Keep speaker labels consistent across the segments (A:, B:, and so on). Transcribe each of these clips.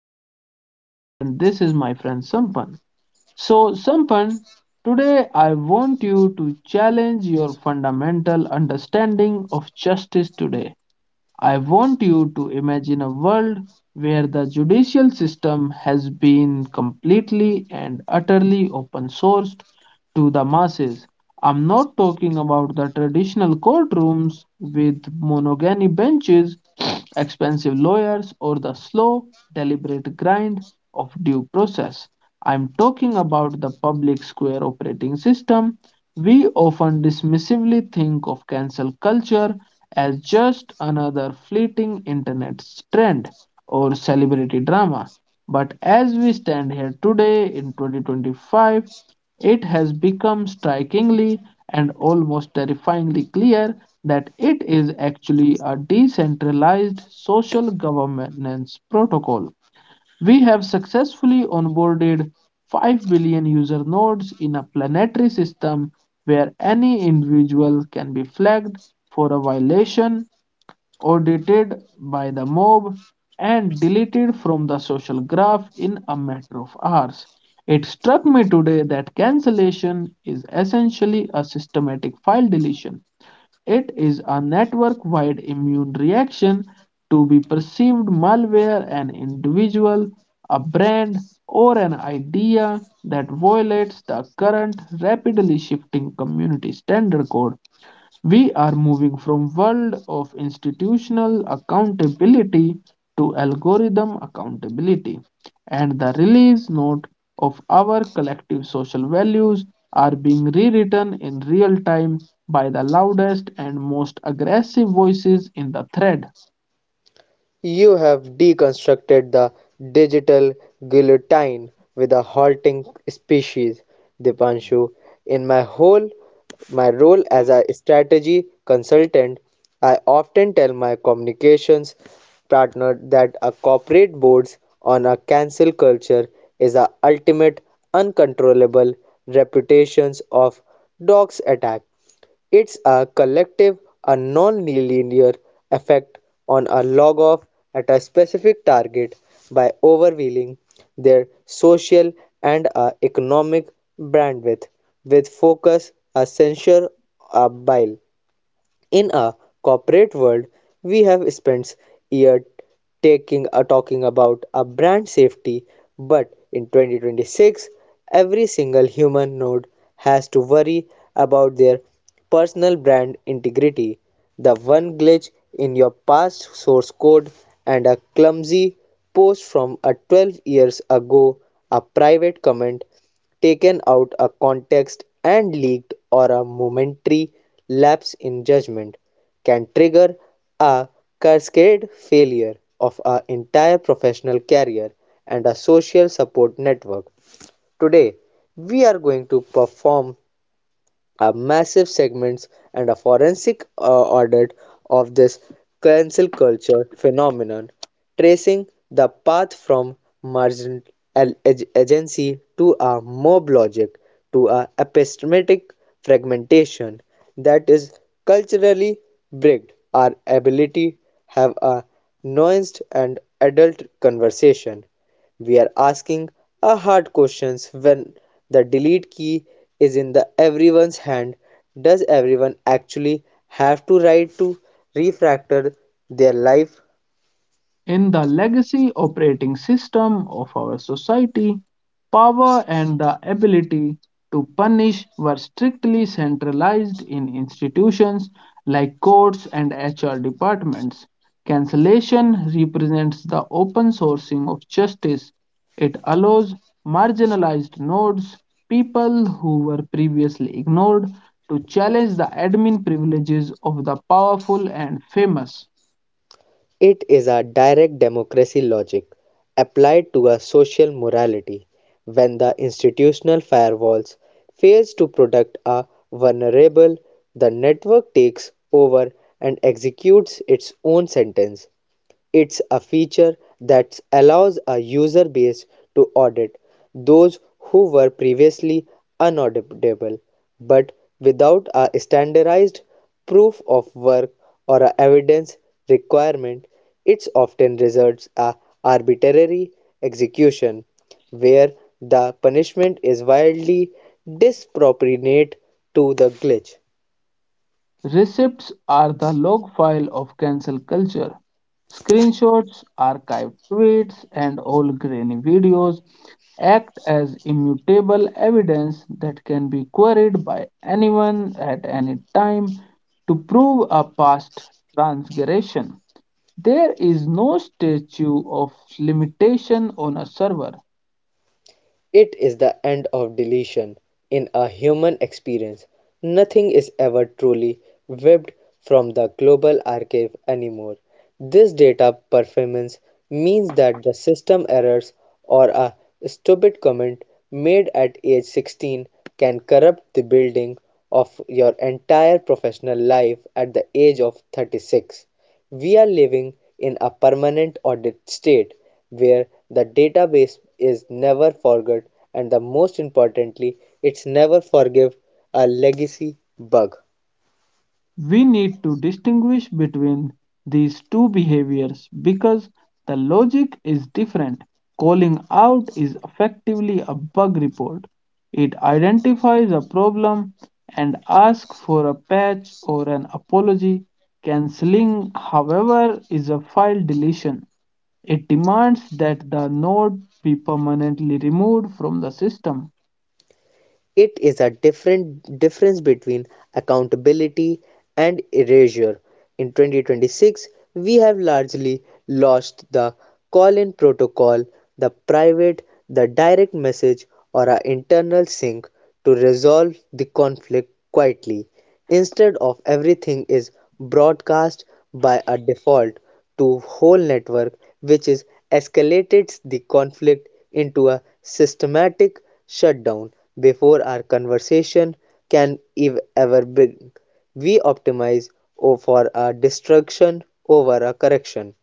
A: name is Dipanshu, and this is my friend Sampan. So, Sampan, today I want you to challenge your fundamental understanding of justice today. I want you to imagine a world where the judicial system has been completely and utterly open sourced to the masses. I'm not talking about the traditional courtrooms with monogamy benches, expensive lawyers, or the slow, deliberate grind of due process. I'm talking about the public square operating system. We often dismissively think of cancel culture as just another fleeting internet trend or celebrity drama. But as we stand here today in 2025, it has become strikingly and almost terrifyingly clear that it is actually a decentralized social governance protocol. We have successfully onboarded 5 billion user nodes in a planetary system where any individual can be flagged for a violation, audited by the mob, and deleted from the social graph in a matter of hours. It struck me today that cancellation is essentially a systematic file deletion. It is a network wide immune reaction to be perceived malware, an individual, a brand, or an idea that violates the current rapidly shifting community standard code. We are moving from world of institutional accountability to algorithm accountability, and the release note of our collective social values are being rewritten in real time by the loudest and most aggressive voices in the thread.
B: You have deconstructed the digital guillotine with a halting species, Dipanshu. In my role as a strategy consultant, I often tell my communications partner that a corporate boards on a cancel culture is the ultimate uncontrollable reputations of dogs attack. It's a collective, a non-linear effect on a log-off at a specific target by overwhelming their social and economic bandwidth with focus, a censure, a bile in a corporate world. We have spent years taking talking about a brand safety, but in 2026 every single human node has to worry about their personal brand integrity. The one glitch in your past source code and a clumsy post from a 12 years ago, a private comment taken out of context and leaked, or a momentary lapse in judgment can trigger a cascade failure of an entire professional career and a social support network. Today, we are going to perform a massive segments and a forensic audit of this cancel culture phenomenon, tracing the path from merchant agency to a mob logic to a epistemic fragmentation that is culturally bricked our ability have a nuanced and adult conversation. We are asking a hard questions. When the delete key is in the everyone's hand, does everyone actually have to write to refactor their life?
A: In the legacy operating system of our society, power and the ability to punish were strictly centralized in institutions like courts and HR departments. Cancellation represents the open sourcing of justice. It allows marginalized nodes, people who were previously ignored, to challenge the admin privileges of the powerful and famous.
B: It is a direct democracy logic applied to a social morality. When the institutional firewalls fails to protect a vulnerable, the network takes over and executes its own sentence. It's a feature that allows a user base to audit those who were previously unauditable, but without a standardized proof of work or a evidence requirement, it often results a arbitrary execution where the punishment is wildly disproportionate to the glitch.
A: Receipts are the log file of cancel culture. Screenshots, archived tweets, and old grainy videos act as immutable evidence that can be queried by anyone at any time to prove a past transgression. There is no statute of limitation on a server.
B: It is the end of deletion in a human experience. Nothing is ever truly wiped from the global archive anymore. This data performance means that the system errors or a stupid comment made at age 16 can corrupt the building of your entire professional life at the age of 36. We are living in a permanent audit state where the database is never forgot and the most importantly it's never forgive a legacy bug.
A: We need to distinguish between these two behaviors because the logic is different. Calling out is effectively a bug report. It identifies a problem and asks for a patch or an apology. Canceling, however, is a file deletion. It demands that the node be permanently removed from the system.
B: It is a different difference between accountability and erasure. In 2026, we have largely lost the call-in protocol, the private, the direct message, or our internal sync to resolve the conflict quietly. Instead of everything is broadcast by a default, to whole network, which is escalates the conflict into a systematic shutdown before our conversation can ever begin. We optimize for a destruction over a correction.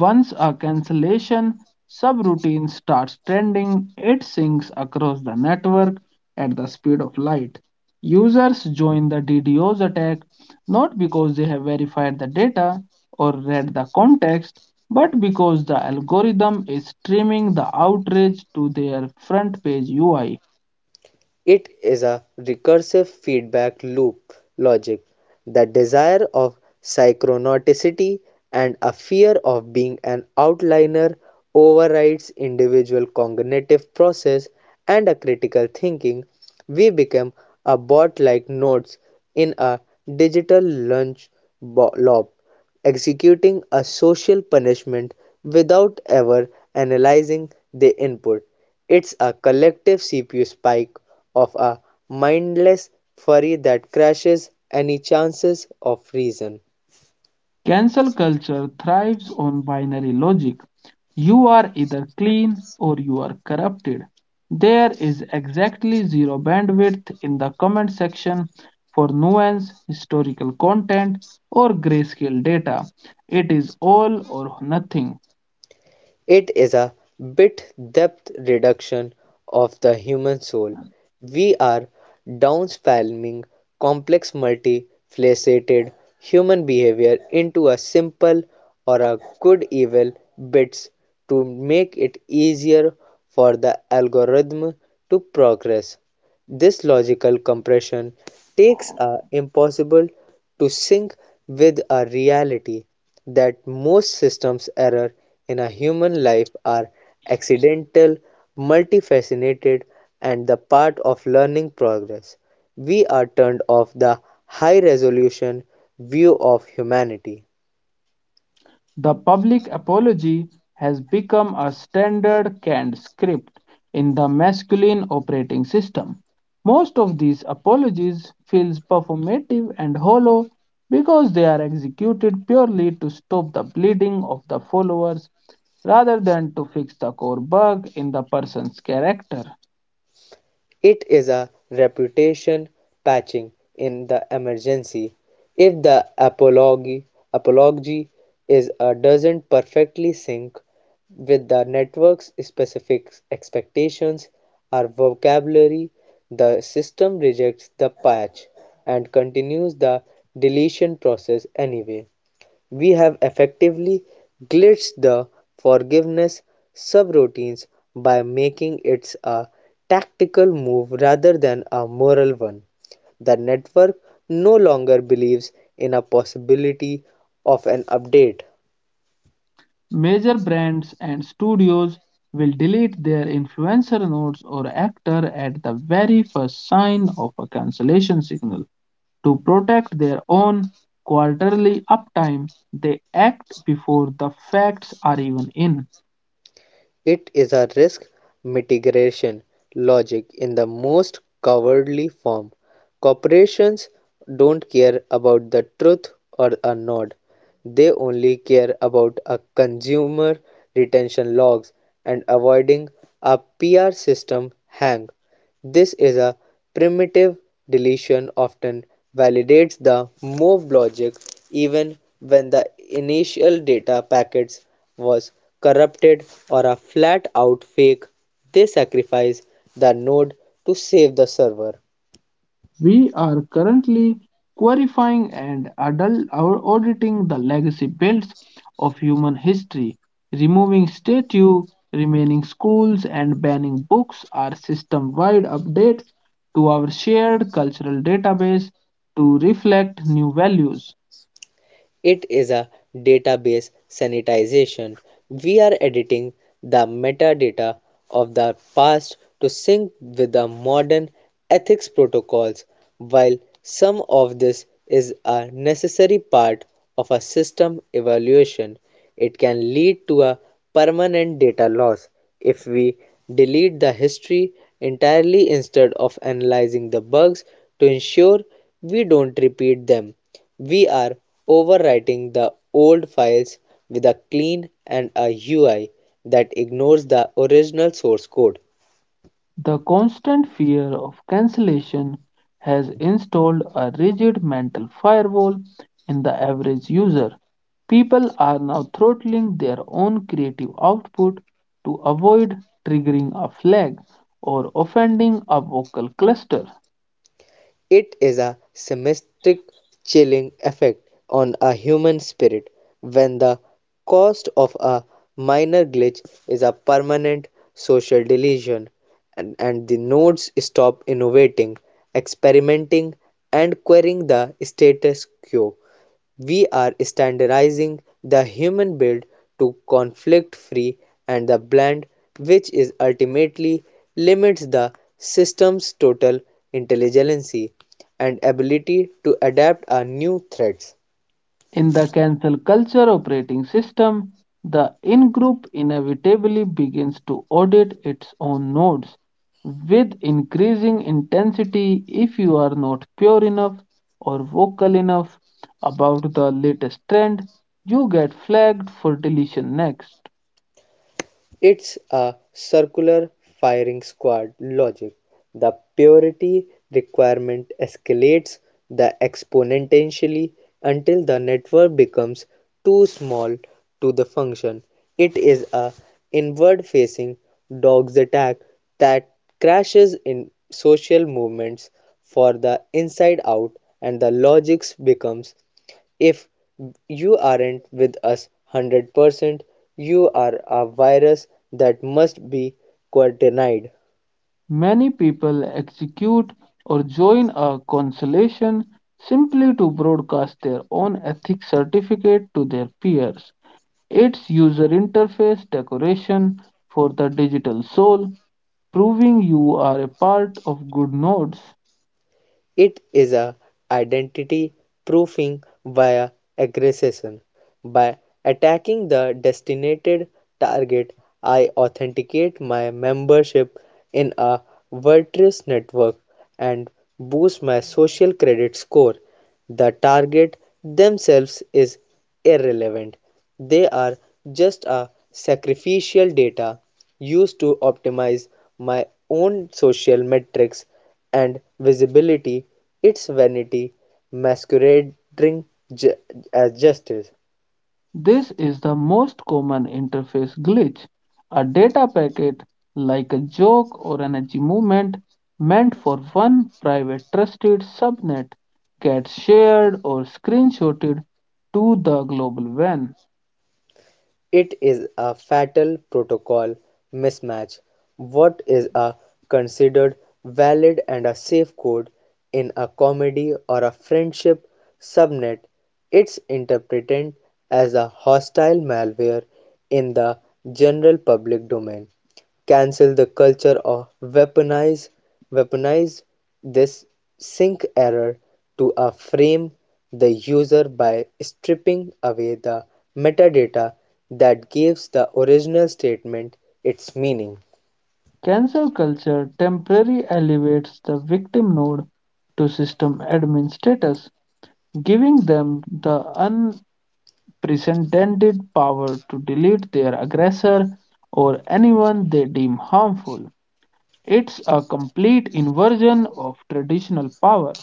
A: Once a cancellation subroutine starts trending, it syncs across the network at the speed of light. Users join the DDoS attack not because they have verified the data or read the context, but because the algorithm is streaming the outrage to their front page UI.
B: It is a recursive feedback loop logic. The desire of synchronicity and a fear of being an outlier overrides individual cognitive process and a critical thinking. We become a bot like nodes in a digital lunch loop executing a social punishment without ever analyzing the input. It's a collective CPU spike of a mindless fury that crashes any chances of reason.
A: Cancel culture thrives on binary logic. You are either clean or you are corrupted. There is exactly zero bandwidth in the comment section for nuance, historical content, or grayscale data. It is all or nothing.
B: It is a bit depth reduction of the human soul. We are downspelling complex multifaceted human behavior into a simple or a good evil bits to make it easier for the algorithm to progress. This logical compression takes a impossible to sync with a reality that most systems error in a human life are accidental, multifaceted and the part of learning progress. We are turned off the high resolution view of humanity.
A: The public apology has become a standard canned script in the masculine operating system. Most of these apologies feels performative and hollow because they are executed purely to stop the bleeding of the followers rather than to fix the core bug in the person's character.
B: It is a reputation patching in the emergency. If the apology is a doesn't perfectly sync with the network's specific expectations or vocabulary, the system rejects the patch and continues the deletion process anyway. We have effectively glitched the forgiveness subroutines by making it a tactical move rather than a moral one. The network no longer believes in a possibility of an update.
A: Major brands and studios will delete their influencer notes or actor at the very first sign of a cancellation signal. To protect their own quarterly uptime, they act before the facts are even in.
B: It is a risk mitigation logic in the most cowardly form. Corporations don't care about the truth or a nod. They only care about a consumer retention logs and avoiding a PR system hang. This is a primitive deletion often validates the move logic even when the initial data packets was corrupted or a flat-out fake. They sacrifice the node to save the server.
A: We are currently qualifying and adult our auditing the legacy builds of human history. Removing statues, remaining schools, and banning books are system-wide updates to our shared cultural database to reflect new values.
B: It is a database sanitization. We are editing the metadata of the past to sync with the modern ethics protocols. While some of this is a necessary part of a system evaluation, it can lead to a permanent data loss if we delete the history entirely instead of analyzing the bugs to ensure we don't repeat them. We are overwriting the old files with a clean and a UI that ignores the original source code.
A: The constant fear of cancellation has installed a rigid mental firewall in the average user. People are now throttling their own creative output to avoid triggering a flag or offending a vocal cluster.
B: It is a semantic chilling effect on a human spirit when the cost of a minor glitch is a permanent social delusion, and the nodes stop innovating, experimenting, and querying the status quo. We are standardizing the human build to conflict-free and the blend, which is ultimately limits the system's total intelligence and ability to adapt a new threats.
A: In the cancel culture operating system, the in group inevitably begins to audit its own nodes with increasing intensity. If you are not pure enough or vocal enough about the latest trend, you get flagged for deletion next.
B: It's a circular firing squad logic. The purity requirement escalates the exponentially until the network becomes too small to the function. It is a inward-facing dog's attack that crashes in social movements for the inside out, and the logics becomes if you aren't with us 100%, you are a virus that must be quarantined.
A: Many people execute or join a consolation simply to broadcast their own ethics certificate to their peers. Its user interface decoration for the digital soul, proving you are a part of good nodes.
B: It is a identity proofing via aggression. By attacking the designated target, I authenticate my membership in a virtuous network and boost my social credit score. The target themselves is irrelevant. They are just a sacrificial data used to optimize my own social metrics and visibility. Its vanity masquerading ju- as justice.
A: This is the most common interface glitch. A data packet, like a joke or energy movement, meant for one private trusted subnet, gets shared or screenshotted to the global WAN.
B: It is a fatal protocol mismatch. What is a considered valid and a safe code in a comedy or a friendship subnet, it's interpreted as a hostile malware in the general public domain. Cancel the culture of weaponize weaponize this sync error to a frame the user by stripping away the metadata that gives the original statement its meaning.
A: Cancel culture temporarily elevates the victim node to system admin status, giving them the unprecedented power to delete their aggressor or anyone they deem harmful. It's a complete inversion of traditional power.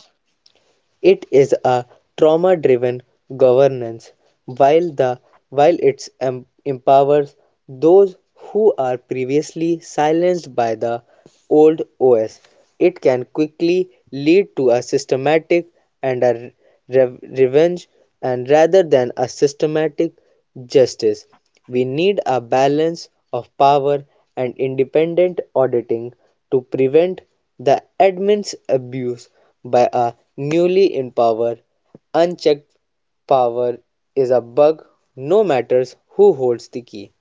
B: It is a trauma-driven governance, while the while it empowers those who are previously silenced by the old OS. It can quickly lead to a systematic and a revenge, and rather than a systematic justice, we need a balance of power and independent auditing to prevent the admin's abuse by a newly in power. Unchecked power is a bug no matters who holds the key.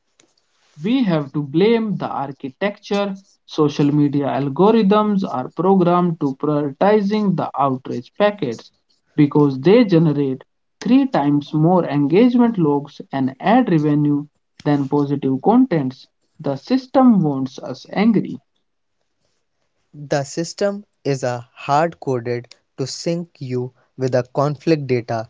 A: We have to blame the architecture. Social media algorithms are programmed to prioritizing the outrage packets because they generate three times more engagement logs and ad revenue than positive contents. The system wants us angry.
B: The system is a hard-coded to sync you with the conflict data.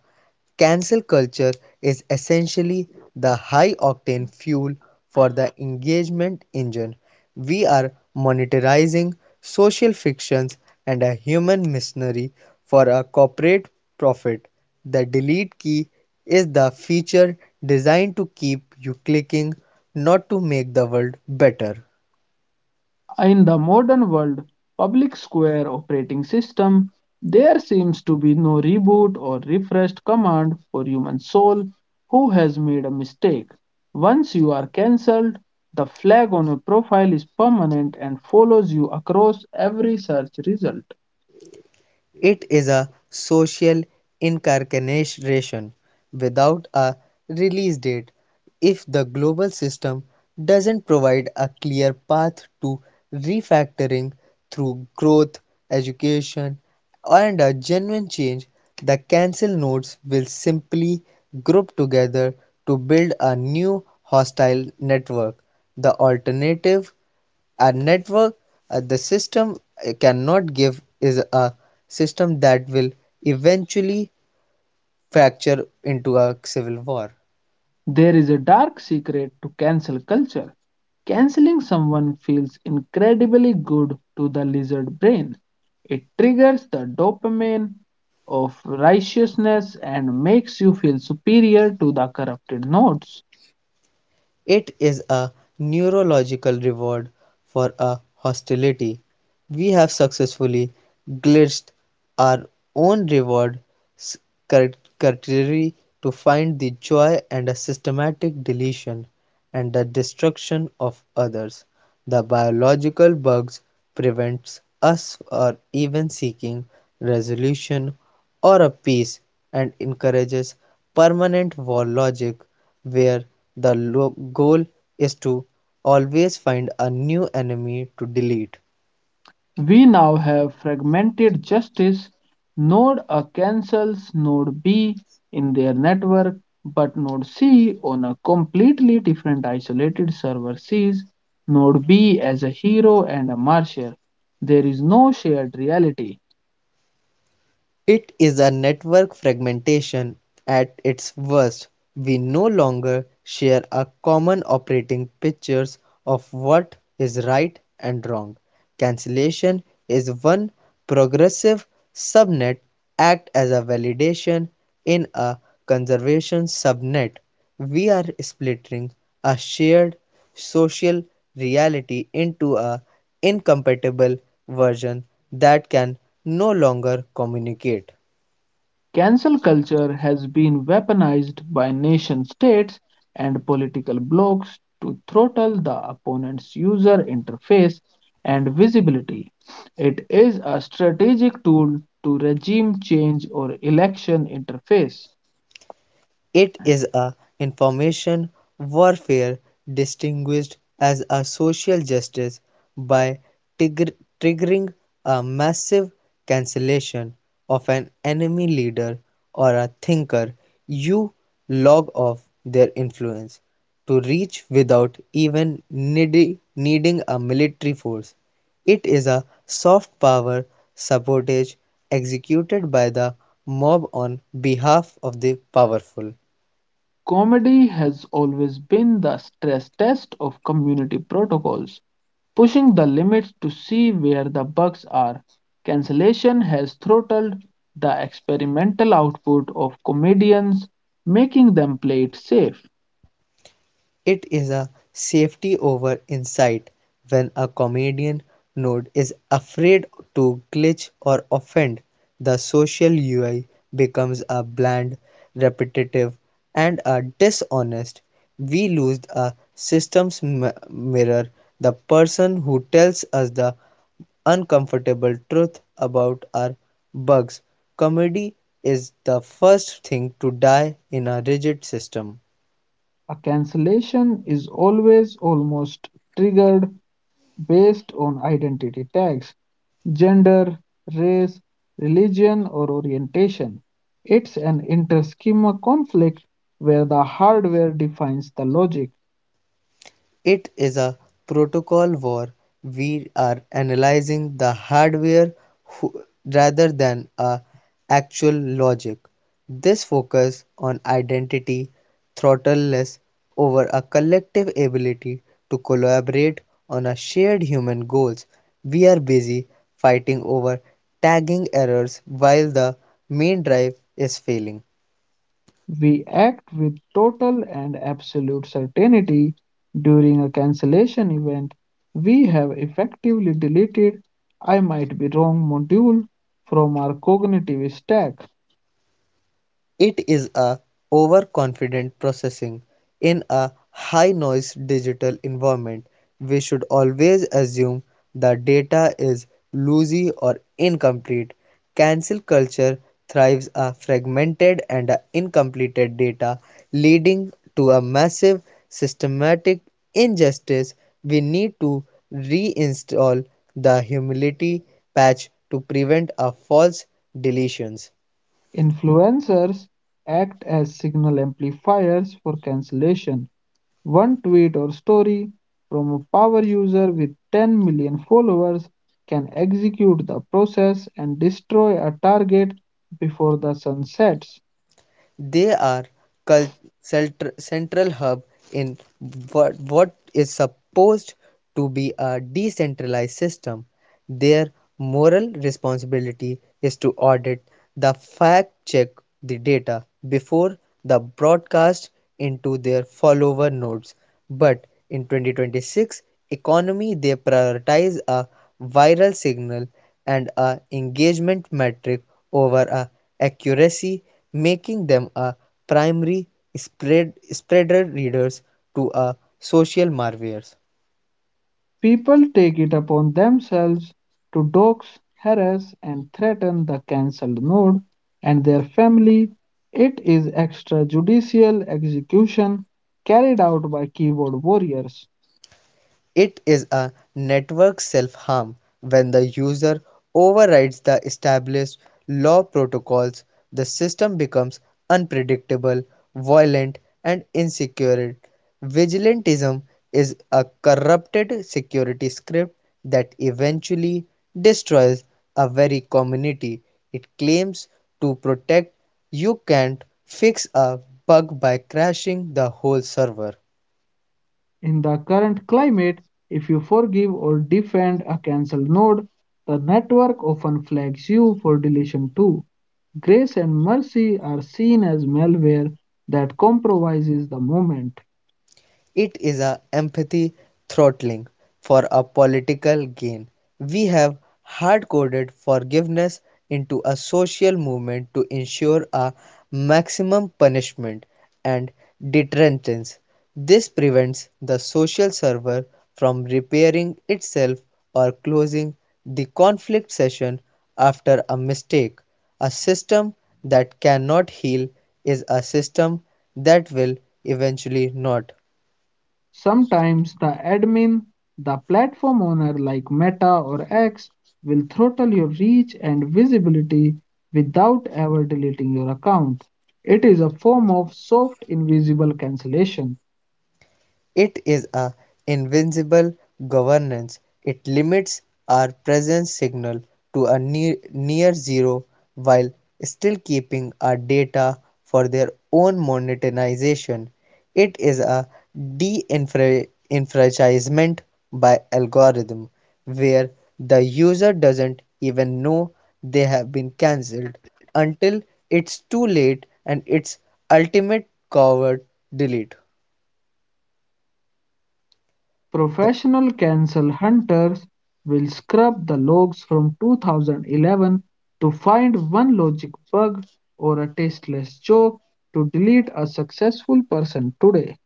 B: Cancel culture is essentially the high-octane fuel for the engagement engine. We are monetizing social fictions and a human machinery for a corporate profit. The delete key is the feature designed to keep you clicking, not to make the world better.
A: In the modern world public square operating system, there seems to be no reboot or refreshed command for human soul who has made a mistake. Once you are cancelled, the flag on your profile is permanent and follows you across every search result.
B: It is a social incarceration without a release date. If the global system doesn't provide a clear path to refactoring through growth, education, and a genuine change, the cancel nodes will simply group together to build a new hostile network. The alternative a network the system cannot give is a system that will eventually fracture into a civil war.
A: There is a dark secret to cancel culture. Canceling someone feels incredibly good to the lizard brain. It triggers the dopamine of righteousness and makes you feel superior to the corrupted nodes.
B: It is a neurological reward for a hostility. We have successfully glitched our own reward s- criteria to find the joy and a systematic deletion and the destruction of others. The biological bugs prevents us from even seeking resolution or a peace and encourages permanent war logic where the goal is to always find a new enemy to delete.
A: We now have fragmented justice. Node A cancels node B in their network, but node C on a completely different isolated server sees node B as a hero and a martyr. There is no shared reality.
B: It is a network fragmentation at its worst. We no longer share a common operating pictures of what is right and wrong. Cancellation is one progressive subnet act as a validation in a conservation subnet. We are splitting a shared social reality into a incompatible version that can no longer communicate.
A: Cancel culture has been weaponized by nation states and political blocs to throttle the opponent's user interface and visibility. It is a strategic tool to regime change or election interface.
B: It is a information warfare distinguished as a social justice by triggering a massive cancellation of an enemy leader or a thinker. You log off their influence to reach without even needing a military force. It is a soft power sabotage executed by the mob on behalf of the powerful.
A: Comedy has always been the stress test of community protocols, pushing the limits to see where the bugs are. Cancellation has throttled the experimental output of comedians, making them play it safe.
B: It is a safety over insight. When a comedian node is afraid to glitch or offend, the social UI becomes a bland, repetitive, and a dishonest. We lose a system's mirror, the person who tells us the uncomfortable truth about our bugs. Comedy is the first thing to die in a rigid system.
A: A cancellation is always almost triggered based on identity tags, gender, race, religion, or orientation. It's an interschema conflict where the hardware defines the logic.
B: It is a protocol where we are analyzing the hardware rather than a actual logic. This focus on identity throttles over a collective ability to collaborate on a shared human goals. We are busy fighting over tagging errors while the main drive is failing.
A: We act with total and absolute certainty during a cancellation event. We have effectively deleted I might be wrong module from our cognitive stack.
B: It is a overconfident processing in a high-noise digital environment. We should always assume the data is loosey or incomplete. Cancel culture thrives on fragmented and incomplete data, leading to a massive systematic injustice. We need to reinstall the humility patch to prevent a false deletions.
A: Influencers act as signal amplifiers for cancellation. One tweet or story from a power user with 10 million followers can execute the process and destroy a target before the sun sets.
B: They are central hub in what is supposed to be a decentralized system. Their moral responsibility is to audit the fact check the data before the broadcast into their follower nodes. But in 2026 economy they prioritize a viral signal and a engagement metric over a accuracy, making them a primary spreader readers to a social marvels.
A: People take it upon themselves to dox, harass, and threaten the cancelled node and their family. It is extrajudicial execution carried out by keyboard warriors.
B: It is a network self-harm. When the user overrides the established law protocols, the system becomes unpredictable, violent, and insecure. Vigilantism is a corrupted security script that eventually destroys a very community it claims to protect. You can't fix a bug by crashing the whole server.
A: In the current climate, if you forgive or defend a cancelled node, the network often flags you for deletion too. Grace and mercy are seen as malware that compromises the movement.
B: It is a empathy throttling for a political gain. We have hard-coded forgiveness into a social movement to ensure a maximum punishment and deterrence. This prevents the social server from repairing itself or closing the conflict session after a mistake. A system that cannot heal is a system that will eventually not.
A: Sometimes the admin, the platform owner like Meta or X, will throttle your reach and visibility without ever deleting your account. It is a form of soft invisible cancellation.
B: It is a invisible governance; it limits our present signal to a near zero while still keeping our data for their own monetization. It is a de-enfranchisement by algorithm where the user doesn't even know they have been cancelled until it's too late, and its ultimate coward delete. The
A: Professional cancel hunters will scrub the logs from 2011 to find one logic bug or a tasteless joke to delete a successful person today.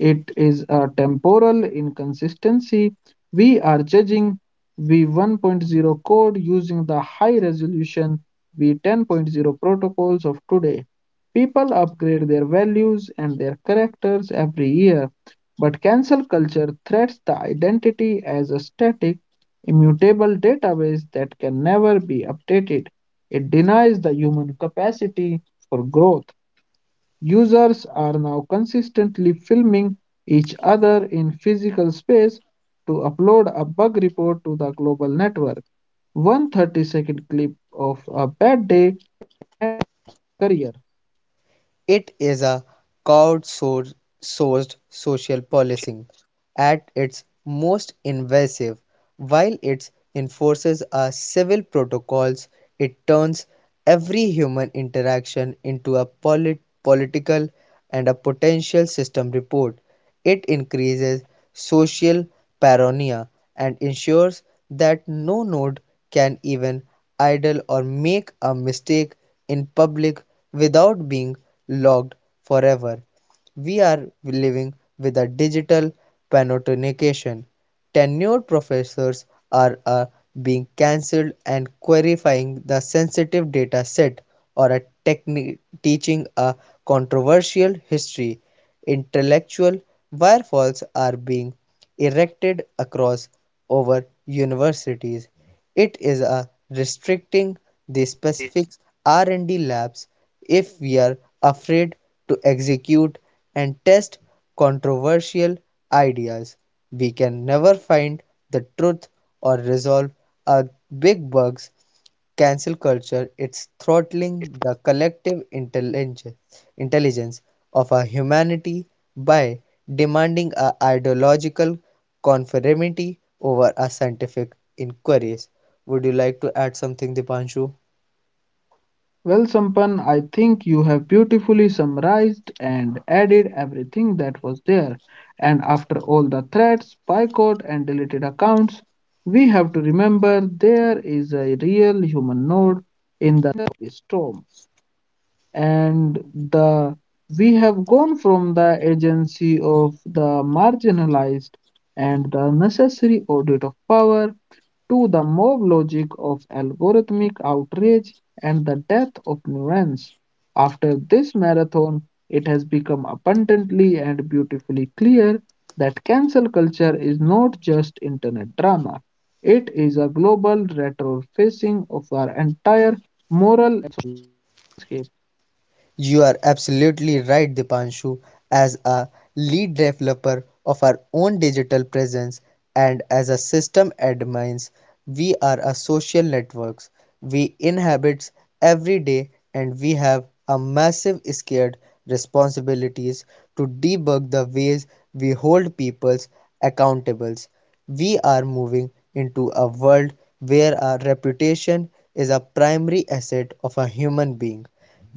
A: It is a temporal inconsistency. We are judging V1.0 code using the high resolution V10.0 protocols of today. People upgrade their values and their characters every year, but cancel culture threats the identity as a static, immutable database that can never be updated. It denies the human capacity for growth. Users are now consistently filming each other in physical space to upload a bug report to the global network. One 30-second clip of a bad day career.
B: It is a crowd-sourced social policing at its most invasive. While it enforces a civil protocols, it turns every human interaction into a political and a potential system report. It increases social paranoia and ensures that no node can even idle or make a mistake in public without being logged forever. We are living with a digital panoptication. Tenured professors are being cancelled and qualifying the sensitive data set or a teaching a controversial history. Intellectual firewalls are being erected across over universities. It is a restricting the specific R&D labs. If we are afraid to execute and test controversial ideas, we can never find the truth or resolve our big bugs. Cancel culture it's throttling the collective intelligence of our humanity by demanding our ideological conformity over our scientific inquiries. Would you like to add something, Dipanshu?
A: Well, Sampan, I think you have beautifully summarized and added everything that was there. And after all the threats, boycott, and deleted accounts, we have to remember there is a real human node in the storm. And the we have gone from the agency of the marginalized and the necessary audit of power to the mob logic of algorithmic outrage and the death of nuance. After this marathon, it has become abundantly and beautifully clear that cancel culture is not just internet drama. It is a global retrofacing of our entire moral landscape.
B: You are absolutely right, Dipanshu. As a lead developer of our own digital presence and as a system admins, we are a social networks. We inhabit every day and we have a massive scared responsibilities to debug the ways we hold people's accountables. We are moving into a world where our reputation is a primary asset of a human being.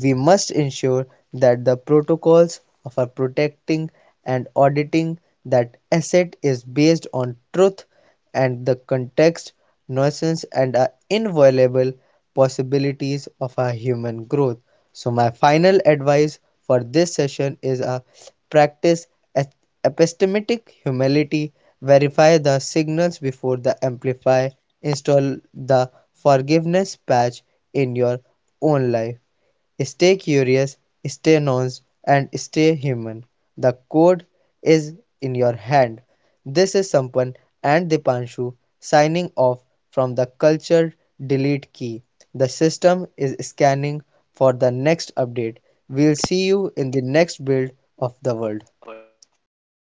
B: We must ensure that the protocols for protecting and auditing that asset is based on truth and the context, nuisance, and are inviolable possibilities of our human growth. So, my final advice for this session is a practice epistemic humility, verify the signals before the amplify, install the forgiveness patch in your own life. Stay curious, stay nuanced, and stay human. The code is in your hand. This is Sampan and Dipanshu signing off from the culture delete key. The system is scanning for the next update. We'll see you in the next build of the world.